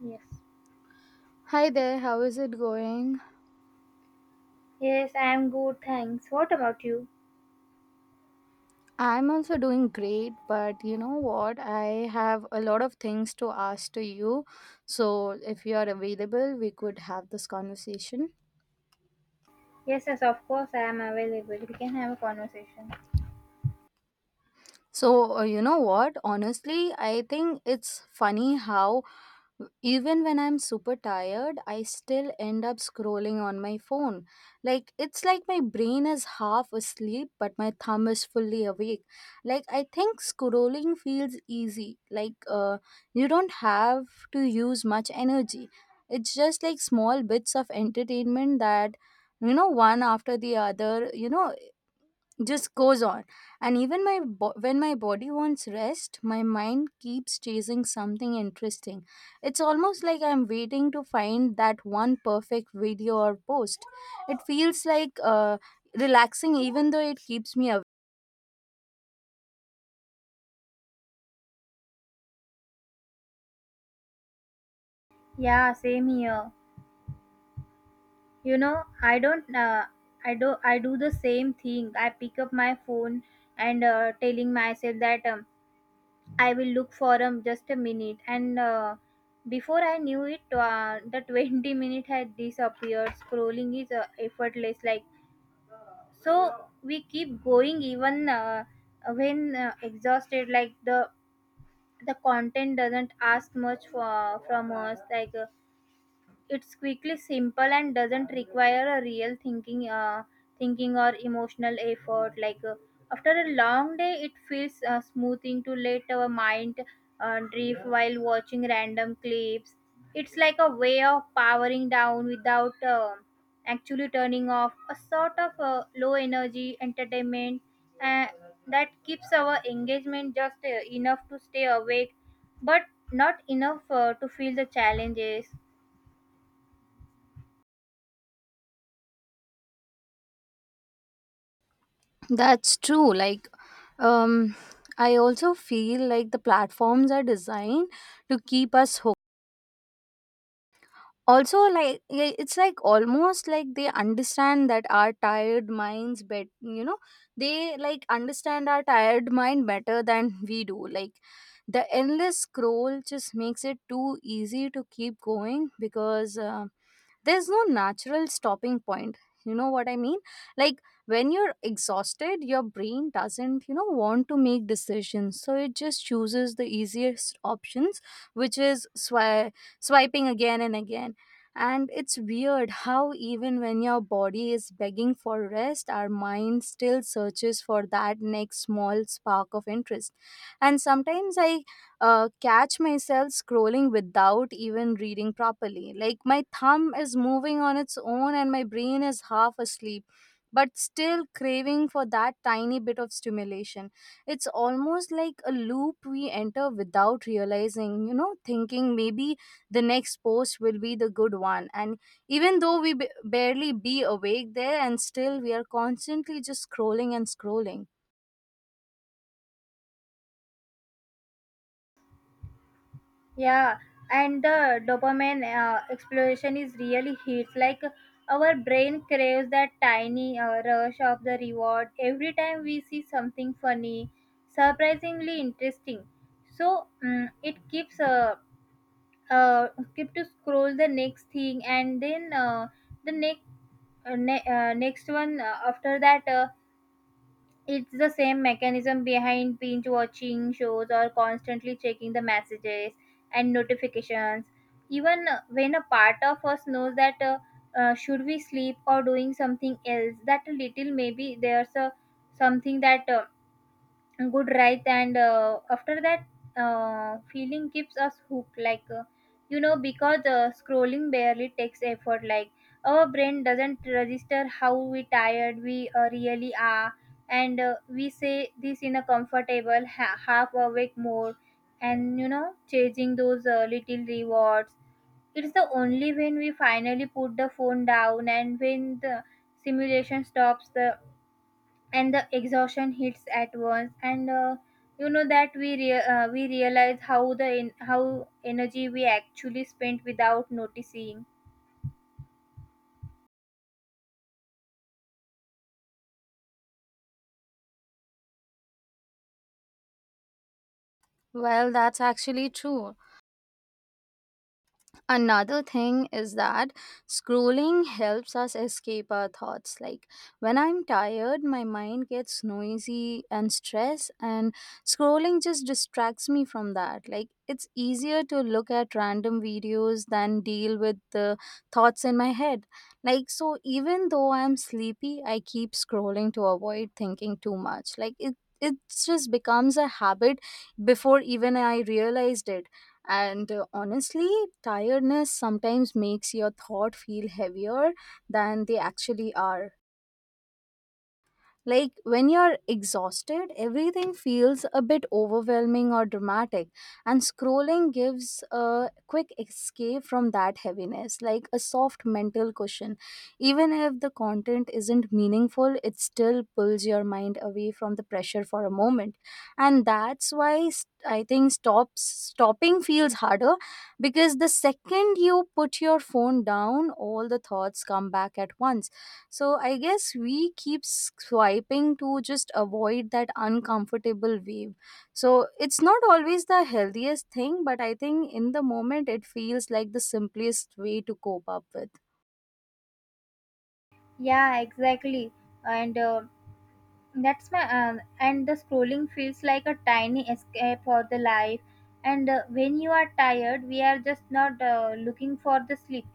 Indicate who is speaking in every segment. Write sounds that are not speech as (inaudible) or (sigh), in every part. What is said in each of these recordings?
Speaker 1: Yes.
Speaker 2: Hi there, how is it going?
Speaker 1: Yes, I am good, thanks. What about you?
Speaker 2: I'm also doing great, but you know what? I have a lot of things to ask to you. So, if you are available, we could have this conversation.
Speaker 1: Yes, yes, of course I am available. We can have a conversation.
Speaker 2: You know what? Honestly, I think it's funny how even when I'm super tired, I still end up scrolling on my phone. Like, it's like my brain is half asleep, but my thumb is fully awake. Like, I think scrolling feels easy. You don't have to use much energy. It's just like small bits of entertainment that, one after the other, just goes on, and even my when my body wants rest, my mind keeps chasing something interesting. It's almost like I'm waiting to find that one perfect video or post. It feels like relaxing, even though it keeps me awake.
Speaker 1: Yeah, same here. You know, I don't, I do the same thing. I pick up my phone and, telling myself that, I will look for, just a minute. And before I knew it, the (laughs) 20-minute had disappeared. Scrolling is effortless, like so we keep going even when exhausted, like the content doesn't ask much for, from us, like it's quickly simple and doesn't require a real thinking or emotional effort. Like after a long day, it feels smoothing to let our mind drift while watching random clips. It's like a way of powering down without actually turning off. A sort of low energy entertainment uh, that keeps our engagement just enough to stay awake, but not enough to feel the challenges.
Speaker 2: That's true. Like, um I also feel like the platforms are designed to keep us hooked. Also, like, yeah, it's like almost like they understand that our tired minds bet, they like understand our tired mind better than (laughs) we do. Like, the endless scroll just makes it too easy to keep going, because there's no natural stopping point. You know what I mean? Like, when you're exhausted, your brain doesn't, you know, want to make decisions, so it just chooses the easiest options, which is swiping again and again. And it's weird how even when your body is begging for rest, our mind still searches for that next small spark of interest. And sometimes I, catch myself scrolling without even reading properly. Like, my thumb is moving on its own and my brain is half asleep, but still craving for that tiny bit of stimulation. It's almost like a loop we enter without realizing, you know, thinking maybe the next post will be the good one. And even though we barely be awake there, and still we are constantly just scrolling and scrolling.
Speaker 1: Yeah, and the dopamine explosion is really hits. Like our brain craves that tiny rush of the reward every time we see something funny, surprisingly interesting. So it keeps uh keep to scroll the next thing, and then the next one after that. It's the same mechanism behind binge watching shows or constantly checking the messages and notifications. Even when a part of us knows that, should we sleep or doing something else, that a little, maybe there's a something that good, right? And after that feeling keeps us hooked, like because scrolling barely takes effort. Like our brain doesn't register how we tired we really are. And we say this in a comfortable half awake mode, and chasing those little rewards. It's the only when we finally put the phone down, and when the simulation stops, the and the exhaustion hits at once. And you know that we realize how the how energy we actually spent without noticing.
Speaker 2: Well, that's actually true. Another thing is that scrolling helps us escape our thoughts. Like, when I'm tired, my mind gets noisy and stressed, and scrolling just distracts me from that. Like, it's easier to look at random videos than deal with the thoughts in my head. Like, so even though I'm sleepy, I keep scrolling to avoid thinking too much. Like, it just becomes a habit before even I realized it. And honestly, tiredness sometimes makes your thought feel heavier than they actually are. Like, when you're exhausted, everything feels a bit overwhelming or dramatic, and scrolling gives a quick escape from that heaviness, like a soft mental cushion. Even if the content isn't meaningful, it still pulls your mind away from the pressure for a moment. And that's why I think stops stopping feels harder, because the second you put your phone down, all the thoughts come back at once. So I guess we keep swiping to just avoid that uncomfortable wave. So it's not always the healthiest thing, but I think in the moment it feels like the simplest way to cope up with.
Speaker 1: Yeah, exactly. And that's my, and the scrolling feels like a tiny escape for the life. And when you are tired, we are just not looking for the sleep.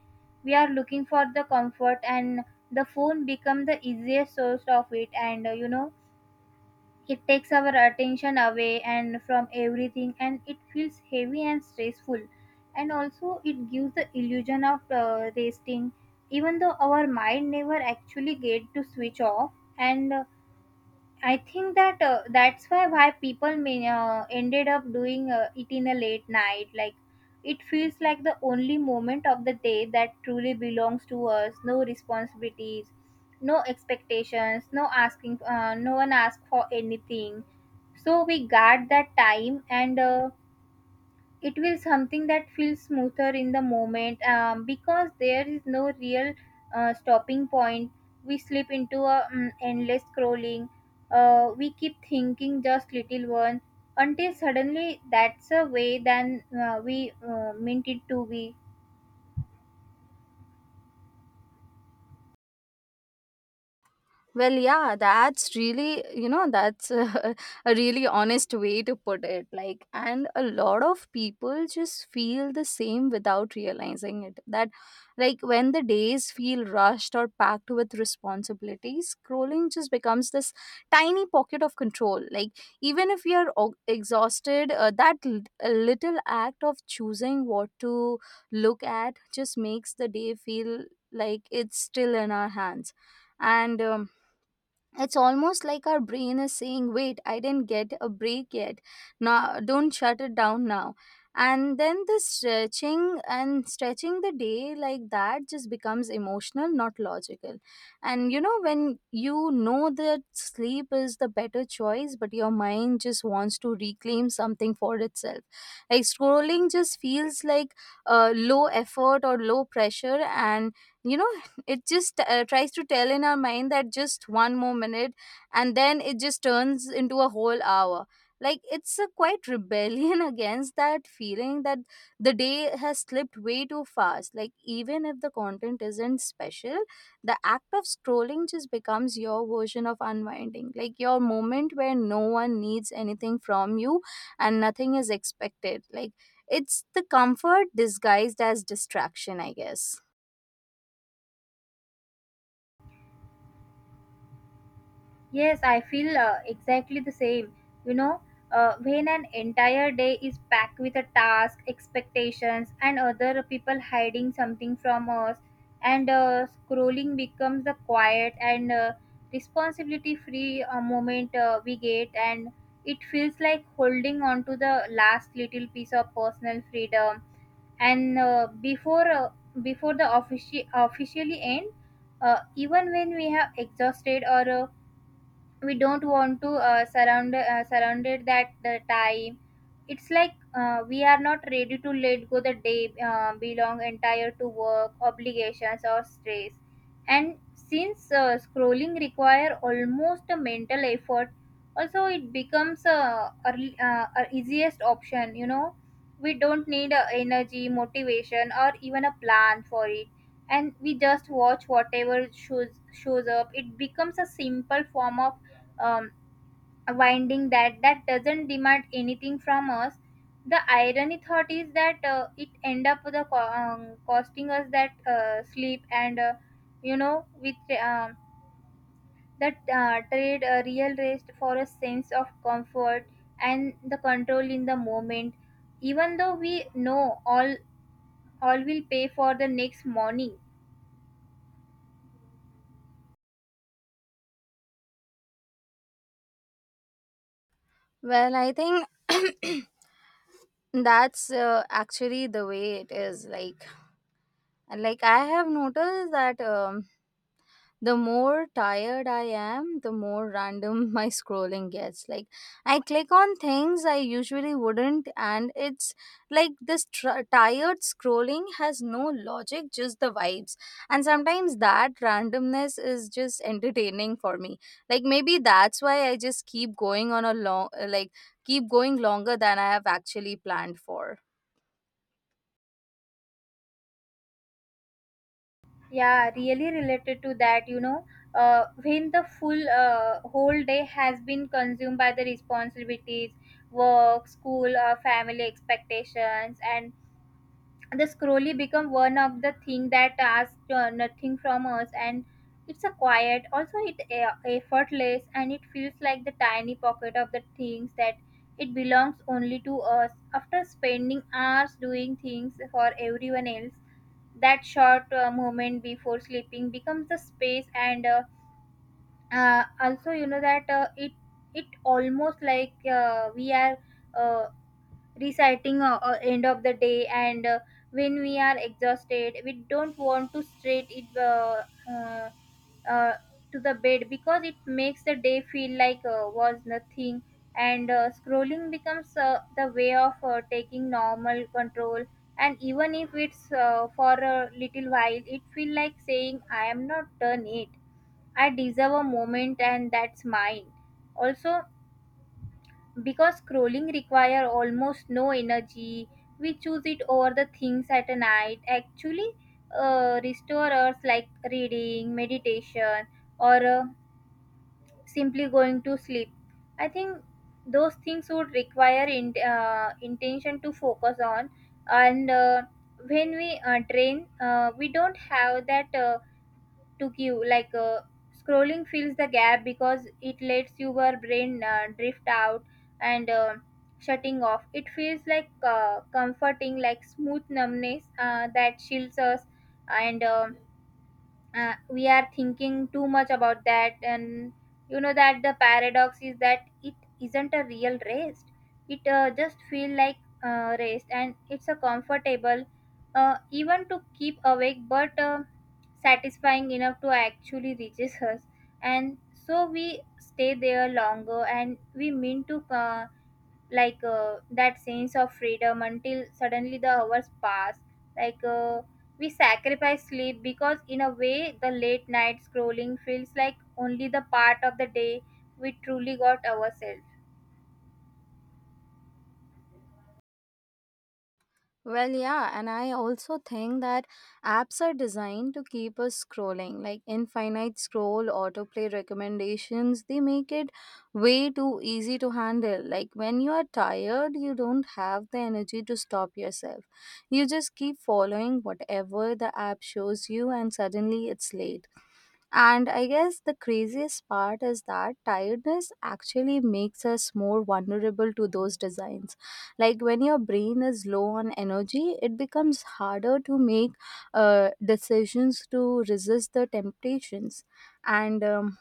Speaker 1: We are looking for the comfort, and the phone become the easiest source of it. And it takes our attention away and from everything, and it feels heavy and stressful. And also, it gives the illusion of resting, even though our mind never actually get to switch off. And I think that that's why people may, ended up doing it in a late night. Like it feels like the only moment of the day that truly belongs to us. No responsibilities, no expectations, no asking. No one asks for anything. So we guard that time, and it will something that feels smoother in the moment, because there is no real stopping point. We slip into a endless scrolling. We keep thinking just little one, until suddenly that's a way than we meant it to be.
Speaker 2: Well, yeah, that's really, you know, that's a (laughs) a really honest way to put it. Like, and a lot of people just feel the same without realizing it. That, like, when the days feel rushed or packed with responsibilities, scrolling just becomes this tiny pocket of control. Like, even if we are exhausted, that a little act of choosing what to look at just makes the day feel like it's still in our hands. And, it's almost like our brain is saying, wait, I didn't get a break yet, now don't shut it down now. And then the stretching and stretching the day like that just becomes emotional, not logical. And you know, when you know that sleep is the better choice but your mind just wants to reclaim something for itself, like scrolling just feels like low effort or low pressure. And, you know, it just tries to tell in our mind that just one more minute, and then it just turns into a whole hour. Like, it's a quite rebellion (laughs) against that feeling that the day has slipped way too fast. Like, even if the content isn't special, the act of scrolling just becomes your version of unwinding, like your moment where no one needs anything from you and nothing is expected. Like, it's the comfort disguised as distraction, I guess.
Speaker 1: Yes, I feel exactly the same. You know, when an entire day is packed with a task, expectations, and other people hiding something from us, and scrolling becomes the quiet and responsibility free moment we get, and it feels like holding on to the last little piece of personal freedom. And before the officially end, even when we have exhausted, or we don't want to surrounded that the time. It's like we are not ready to let go the day belong entire to work obligations or stress. And since scrolling require almost a mental effort, also it becomes a easiest option. We don't need energy motivation or even a plan for it, and we just watch whatever shows up. It becomes a simple form of, um, winding that doesn't demand anything from us. The irony thought is that it end up costing us that sleep. And with, um, that trade a real rest for a sense of comfort and the control in the moment, even though we know all will pay for the next morning.
Speaker 2: Well, I think (clears throat) that's actually the way it is. Like I have noticed that the more tired I am, the more random (laughs) my scrolling gets. Like, I click on things I usually wouldn't, and it's like this tired scrolling has no logic, just the vibes. And sometimes that randomness is just entertaining for me. Like, maybe that's why I just keep going on a long, like, keep going longer than I have actually planned for.
Speaker 1: Yeah, really related to that, you know, when the full whole day has been consumed by the responsibilities, work, school, family expectations, and the scrolling become one of the thing that asks nothing from us, and it's a quiet, also it effortless, and it feels like the tiny pocket of the things that it belongs only to us after spending hours doing things for everyone else. That short moment before sleeping becomes the space, and also that it almost like we are uh, reciting end of the day. And when we are exhausted, we don't want to straight it uh, uh, to the bed, because it makes the day feel like was nothing. And scrolling becomes the way of taking normal control, and even if it's for a little while, it feel like saying I am not done it, I deserve a moment and that's mine. Also, because scrolling require almost no energy, we choose it over the things at a night. Actually, restore us like reading, meditation, or simply going to sleep. I think those things would require intention to focus on, and when we train, we don't have that. To queue, like scrolling fills the gap because it lets your brain drift out. And shutting off, it feels like comforting like smooth numbness that shields us. And we are thinking too much about that. And you know that the paradox is that it isn't a real rest. It just feel like rest, and it's a comfortable even to keep awake but satisfying enough to actually reaches us, and so we stay there longer, and we mean to like that sense of freedom, until suddenly the hours pass. Like we sacrifice sleep because in a way the late night scrolling feels like only the part of the day we truly got ourselves.
Speaker 2: Well, yeah, and I also think that apps are designed to keep us scrolling, like infinite scroll, autoplay recommendations, they make it way too easy to handle. Like, when you are tired, you don't have the energy to stop yourself. You just keep following whatever the app shows you, and suddenly it's late. And I guess the craziest part is that tiredness actually makes us more vulnerable to those designs. Like, when your brain is low on energy, it becomes harder to make decisions to resist the temptations. And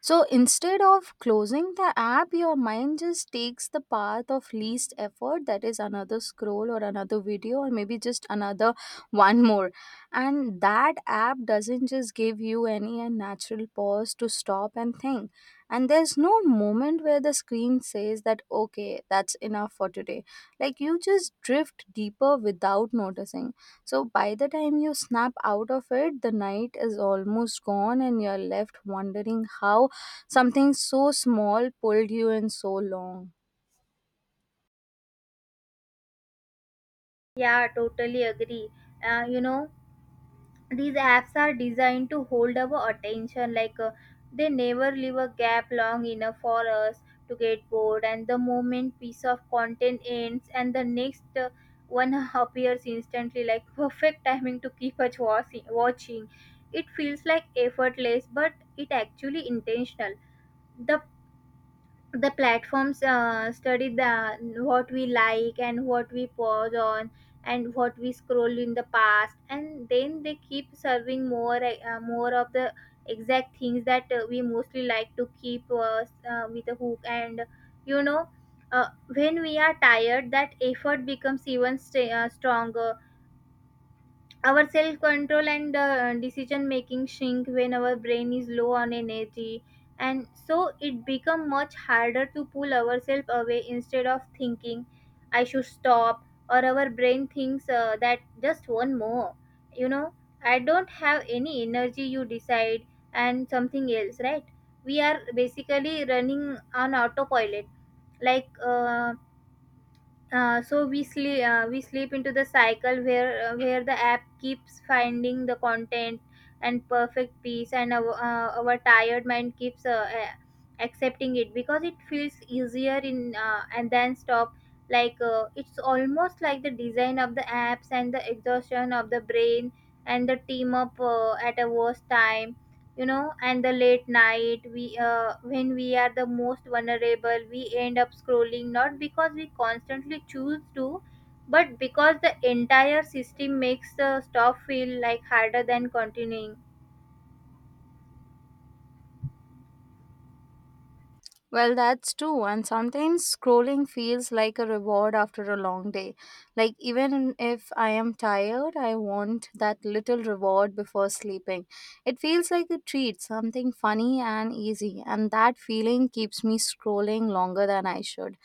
Speaker 2: so instead of closing the app, your mind just takes the path of least effort, that is another scroll or another video, or maybe just another (laughs) one more. And that app doesn't just give you any a natural pause to stop and think. And there's no moment where the screen says that, okay, that's enough for today. Like, you just drift deeper without noticing. So by the time you snap out of it, the night is almost gone and you're left wondering how something so small pulled you in so long.
Speaker 1: Yeah, totally agree. uh, you know these apps are designed to hold our attention. Like they never leave a gap long enough for us to get bored, and the moment piece of content ends and the next one (laughs) appears instantly, like perfect timing to keep us watching. It feels like effortless but it actually intentional. The the platforms study the what we like, and what we pause on, and what we scroll in the past, and then they keep serving more of the exact things that we mostly like to keep us with a hook. And you know uh, when we are tired, that effort becomes even stronger. Our self control and decision making shrink when our brain is low on energy, and so it become much harder to pull ourselves away. Instead of thinking I should stop, or our brain thinks that just one more you know I don't have any energy, you decide and something else, right? We are basically running on autopilot. Like so we sleep into the cycle where the app keeps finding the content and perfect piece. And our tired mind keeps accepting it because it feels easier in and then stop. Like it's almost like the design of the apps and the exhaustion of the brain and the team up at a worst time. And the late night we, when we are the most vulnerable, we end up scrolling not because we constantly choose to, but because the entire system makes the stop feel like harder than continuing.
Speaker 2: Well, that's true. And sometimes scrolling feels like a reward after a long day. Like, even if I am tired, I want that little reward before sleeping. It feels like a treat, something funny and easy. And that feeling keeps me scrolling longer than I should.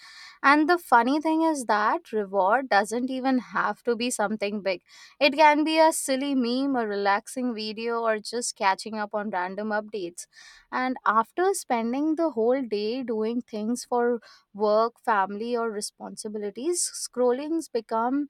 Speaker 2: And the funny thing is that reward doesn't even have to be something big. It can be a silly meme, a relaxing video, or just catching up on random updates. And after spending the whole day doing things for work, family, or responsibilities, scrollings become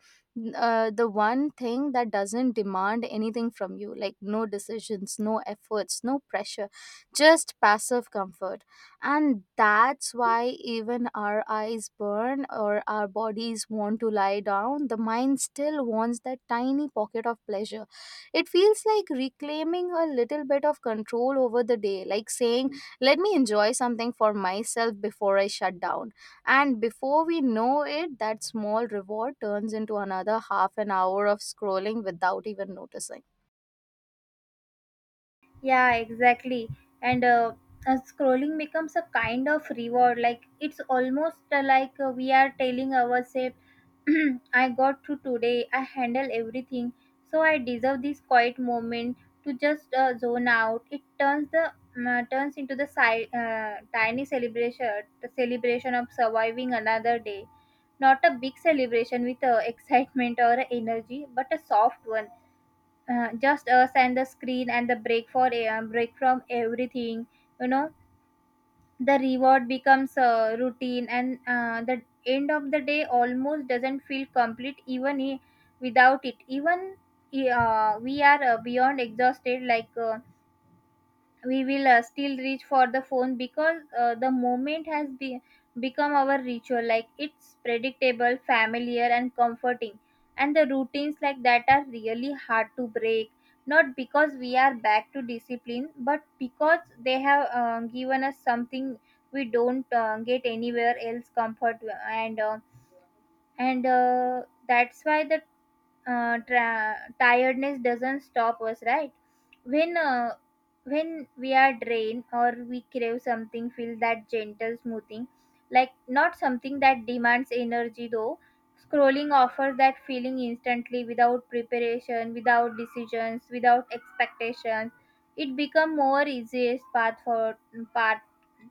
Speaker 2: the one thing that doesn't demand anything from you, like no decisions, no efforts, no pressure, just passive comfort. And that's why even our eyes burn or our bodies want to lie down, the mind still wants that tiny pocket of pleasure. It feels like reclaiming a little bit of control over the day, like saying, let me enjoy something for myself before I shut down. And before we know it, that small reward turns into another half an hour of scrolling without even noticing.
Speaker 1: Yeah, exactly. And scrolling becomes a kind of reward. Like it's almost like we are telling ourselves, (clears throat) I got through today, I handle everything, so I deserve this quiet moment to just zone out. It turns the turns into the tiny celebration, the celebration of surviving another day. Not a big celebration with (laughs) excitement or energy, but a soft one, just us and the screen and the break for a break from everything you know the reward becomes a routine, and the end of the day almost doesn't feel complete without it, we are beyond exhausted. We will still reach for the phone because the moment has become our ritual. Like, it's predictable, familiar, and comforting, and the routines like that are really hard to break. Not because we are back to discipline, but because they have given us something we don't get anywhere else: comfort. And uh, and That's why the tiredness doesn't stop us, right? When uh, when we are drained or we crave something, feel that gentle smoothing, like not something that demands energy though. Scrolling offers that feeling instantly, without preparation, without decisions, without expectations. It become more easiest path for path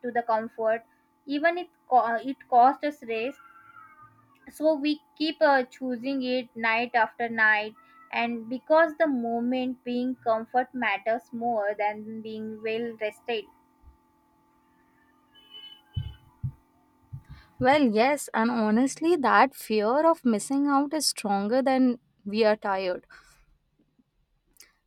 Speaker 1: to the comfort. It costs us rest, so we keep choosing it night after night, and because the moment being comfort matters more than being well rested.
Speaker 2: Well, yes, and honestly, that fear of missing out is stronger than we are tired.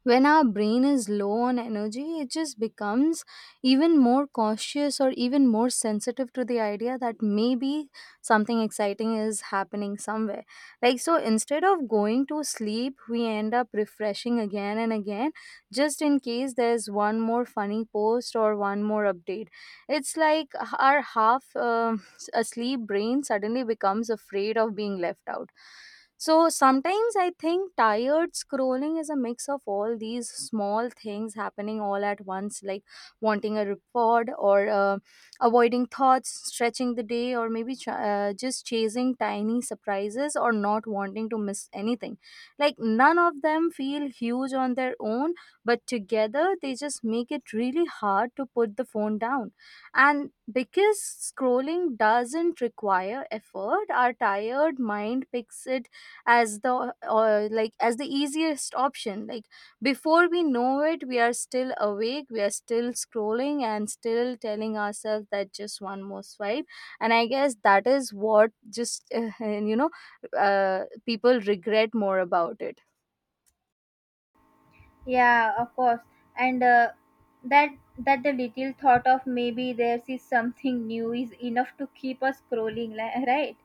Speaker 2: When our brain is low on energy, it just becomes even more cautious or even more sensitive to the idea that maybe something exciting is happening somewhere. Like, so instead of going to sleep, we end up refreshing again and again, just in case there's one more funny post or one more update. It's like our half asleep brain suddenly becomes afraid of being left out. So sometimes I think tired scrolling is a mix of all these small things happening all at once, like wanting a report, or avoiding thoughts, stretching the day, or maybe just chasing tiny surprises or not wanting to miss anything. Like, none of them feel huge on their own, but together they just make it really hard to put the phone down. And because scrolling doesn't require effort, our tired mind picks it as the, or like, as the easiest option. Like, before we know it, we are still awake, we are still scrolling, and still telling ourselves that just one more swipe. And I guess that is what just (laughs) you know, people regret more about it.
Speaker 1: Yeah, of course. And that that the little thought of maybe there's is something (laughs) new is enough to keep us scrolling, right?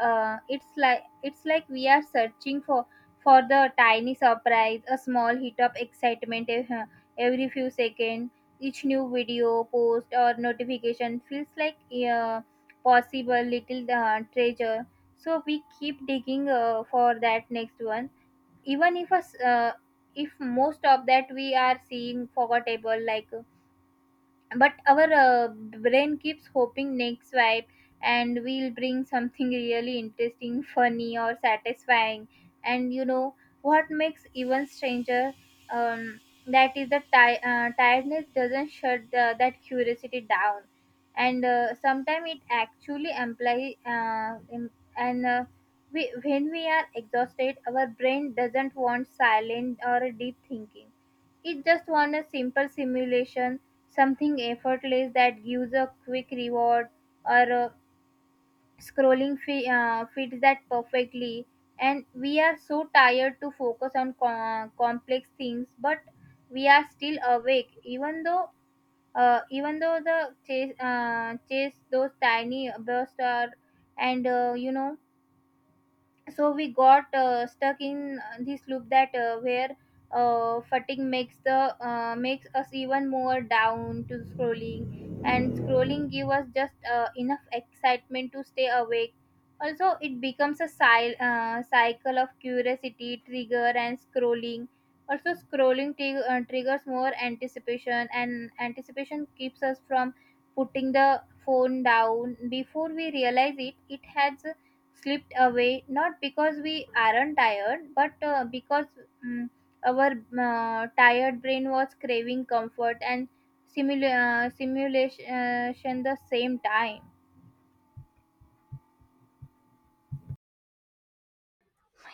Speaker 1: It's like we are searching for the tiny surprise, a small hit of excitement, every few seconds. Each new video, post, or notification feels like a possible little treasure. So we keep digging for that next one, even if us if most of that we are seeing forgettable. But our brain keeps hoping next swipe and we'll bring something really interesting, funny, or satisfying and you know What makes even stranger, um, that is the tiredness doesn't shut the, that curiosity down. And Sometimes it actually implies and uh, when we are exhausted, our brain doesn't want silent or deep thinking. It just wants a simple simulation, something effortless that gives a quick reward. Or a scrolling fi- Fits that perfectly. And we are so tired to focus on complex things, but we are still awake, even though the chase those tiny bursts are, and you know so we got stuck in this loop that where fatigue makes the makes us even more down to scrolling, and scrolling give us just enough excitement to stay awake. Also it becomes a cycle of curiosity trigger and scrolling. Also scrolling triggers more anticipation, and anticipation keeps us from putting the phone down before we realize it. It has slipped away not because we aren't tired, but because mm, our tired brain was craving comfort and simula- simulation the same time.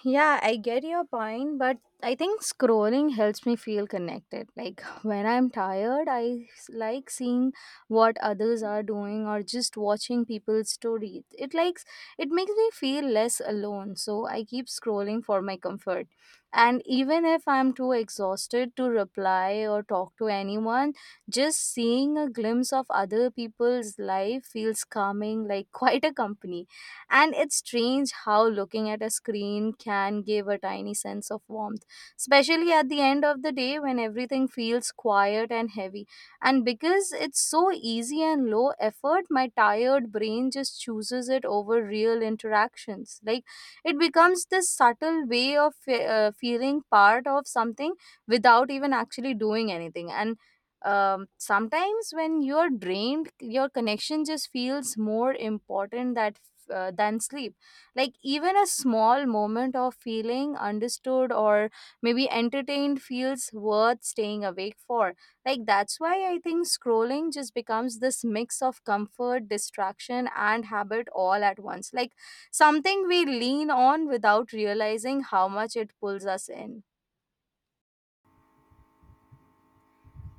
Speaker 2: Yeah, I get your point, but I think scrolling helps me feel connected. Like, when I'm tired, I like seeing what others are doing or just watching people's stories. It likes it makes me feel less alone, so I keep scrolling for my comfort. And even if I'm too exhausted to reply or talk to anyone, just seeing a glimpse of other people's life feels calming, like quite a company. And it's strange how looking at a screen can give a tiny sense of warmth, especially at the end of the day when everything feels quiet and heavy. And because it's so easy and low effort, my tired brain just chooses it over real interactions. Like, it becomes this subtle way of feeling part of something without even actually doing anything. And, sometimes when you're drained, your connection just feels more important than than sleep. Like, even a small moment of feeling understood or maybe entertained feels worth staying awake for. Like, that's why I think scrolling just becomes this mix of comfort, distraction, and habit all at once, like something we lean on without realizing how much it pulls us in.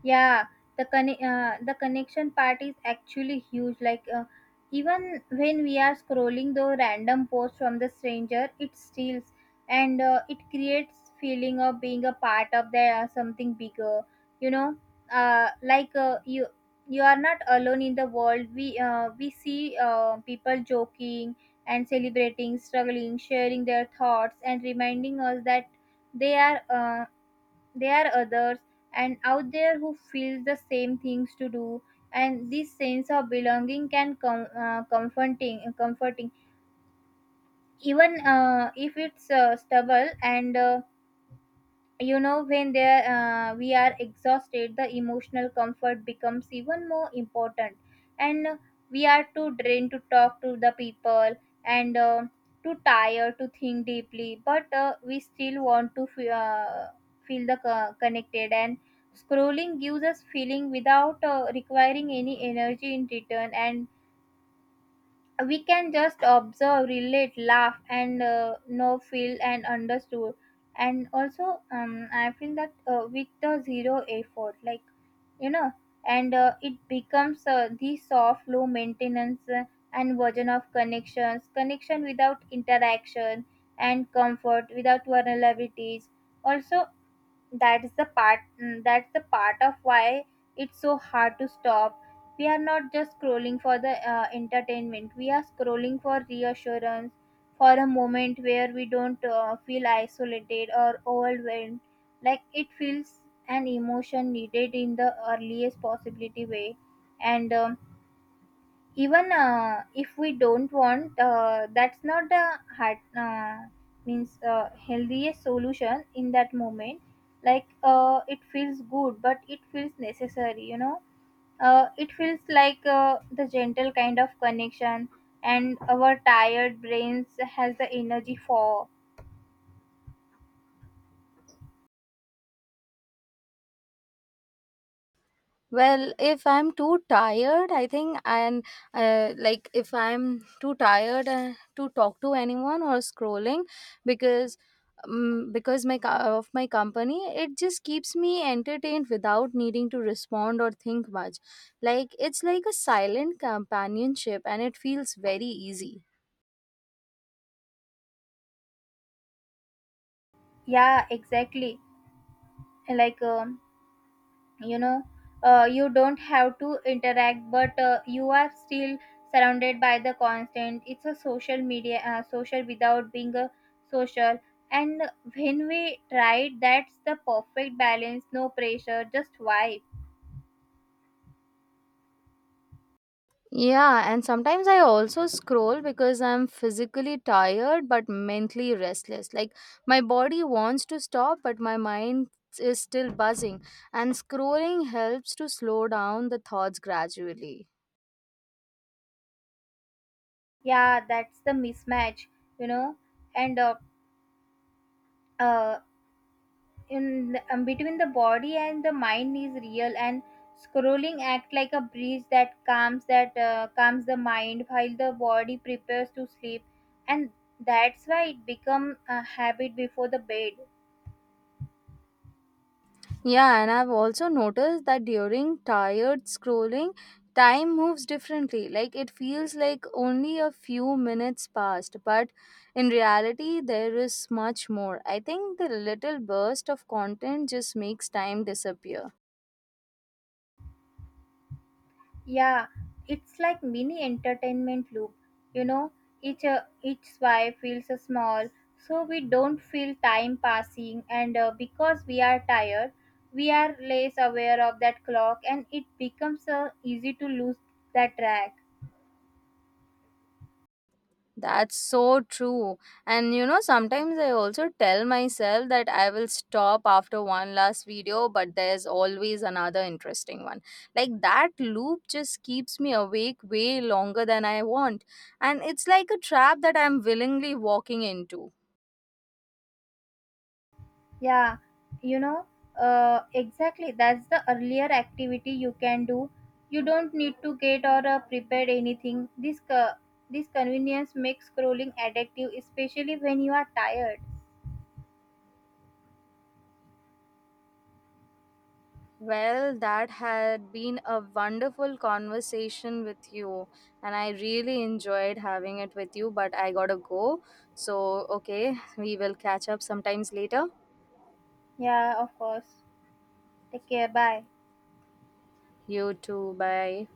Speaker 1: Yeah, the the connection part is actually huge. Even when we are scrolling the random post from the stranger, it steals, and it creates feeling of being a part of the something bigger. You know, uh, like uh, you you are not alone in the world. We see people joking and celebrating, struggling, sharing their thoughts, and reminding us that they are there are others and out there who feel the same things to do. And this sense of belonging can come comforting even if it's stubble. And you know When there we are exhausted, the emotional comfort becomes even more important, and we are too drained to talk to the people, and too tired to think deeply, but we still want to feel the connected, and scrolling gives us feeling without requiring any energy in return, and we can just observe, relate, laugh, and know, feel and understood. And also, I feel that with the zero effort, like you know and it becomes the soft, low maintenance and version of connections, connection without interaction and comfort without vulnerabilities. Also, that's the part of why it's so hard to stop. We are not just scrolling for the entertainment, we are scrolling for reassurance, for a moment where we don't feel isolated or overwhelmed. Like, it feels an emotion needed in the earliest possibility way. And even if we don't want, that's not the heart, means healthiest solution in that moment. It feels good, but it feels necessary. You know, it feels like the gentle kind of connection, and our tired brains has the energy for.
Speaker 2: Well, if I'm too tired, I think, and like if I'm too tired to talk to anyone or scrolling, because because my of my company, it just keeps me entertained without needing to respond or think much. Like, it's like a silent companionship, and it feels very easy.
Speaker 1: Yeah, exactly. Like. you know you don't have to interact, but you are still surrounded by the constant. It's a social media, social without being a social. And when we tried, that's the perfect balance: no pressure, just vibe.
Speaker 2: Yeah, and sometimes I also scroll because I'm physically tired but mentally restless. Like, my body wants to stop, but my mind is still buzzing, and scrolling helps to slow down the thoughts gradually.
Speaker 1: Yeah, that's the mismatch. you know and uh, uh, Between the body and the mind is real, and scrolling act like a breeze that calms the mind while the body prepares to sleep, and that's why it become a habit before the bed.
Speaker 2: Yeah, and I've also noticed that during tired scrolling, time moves differently. Like, it feels like only a few minutes passed, but in reality, there is much more. I think the little burst of content just makes time disappear.
Speaker 1: Yeah, it's like mini entertainment loop. You know, each swipe feels small, so we don't feel time passing, and because we are tired, we are less aware of that clock, and it becomes easy to lose that track.
Speaker 2: That's so true. And you know, sometimes I also tell myself that I will stop after one last video, but there's always another interesting one. Like, that loop just keeps me awake way longer than I want. And it's like a trap that I'm willingly walking into.
Speaker 1: Yeah, you know, exactly. That's the earlier activity you can do. You don't need to get or prepare anything. This convenience makes scrolling addictive, especially when you are tired.
Speaker 2: Well, that had been a wonderful conversation with you, and I really enjoyed having it with you, but I gotta go. So, okay, we will catch up sometimes later.
Speaker 1: Yeah, of course. Take care. Bye.
Speaker 2: You too. Bye.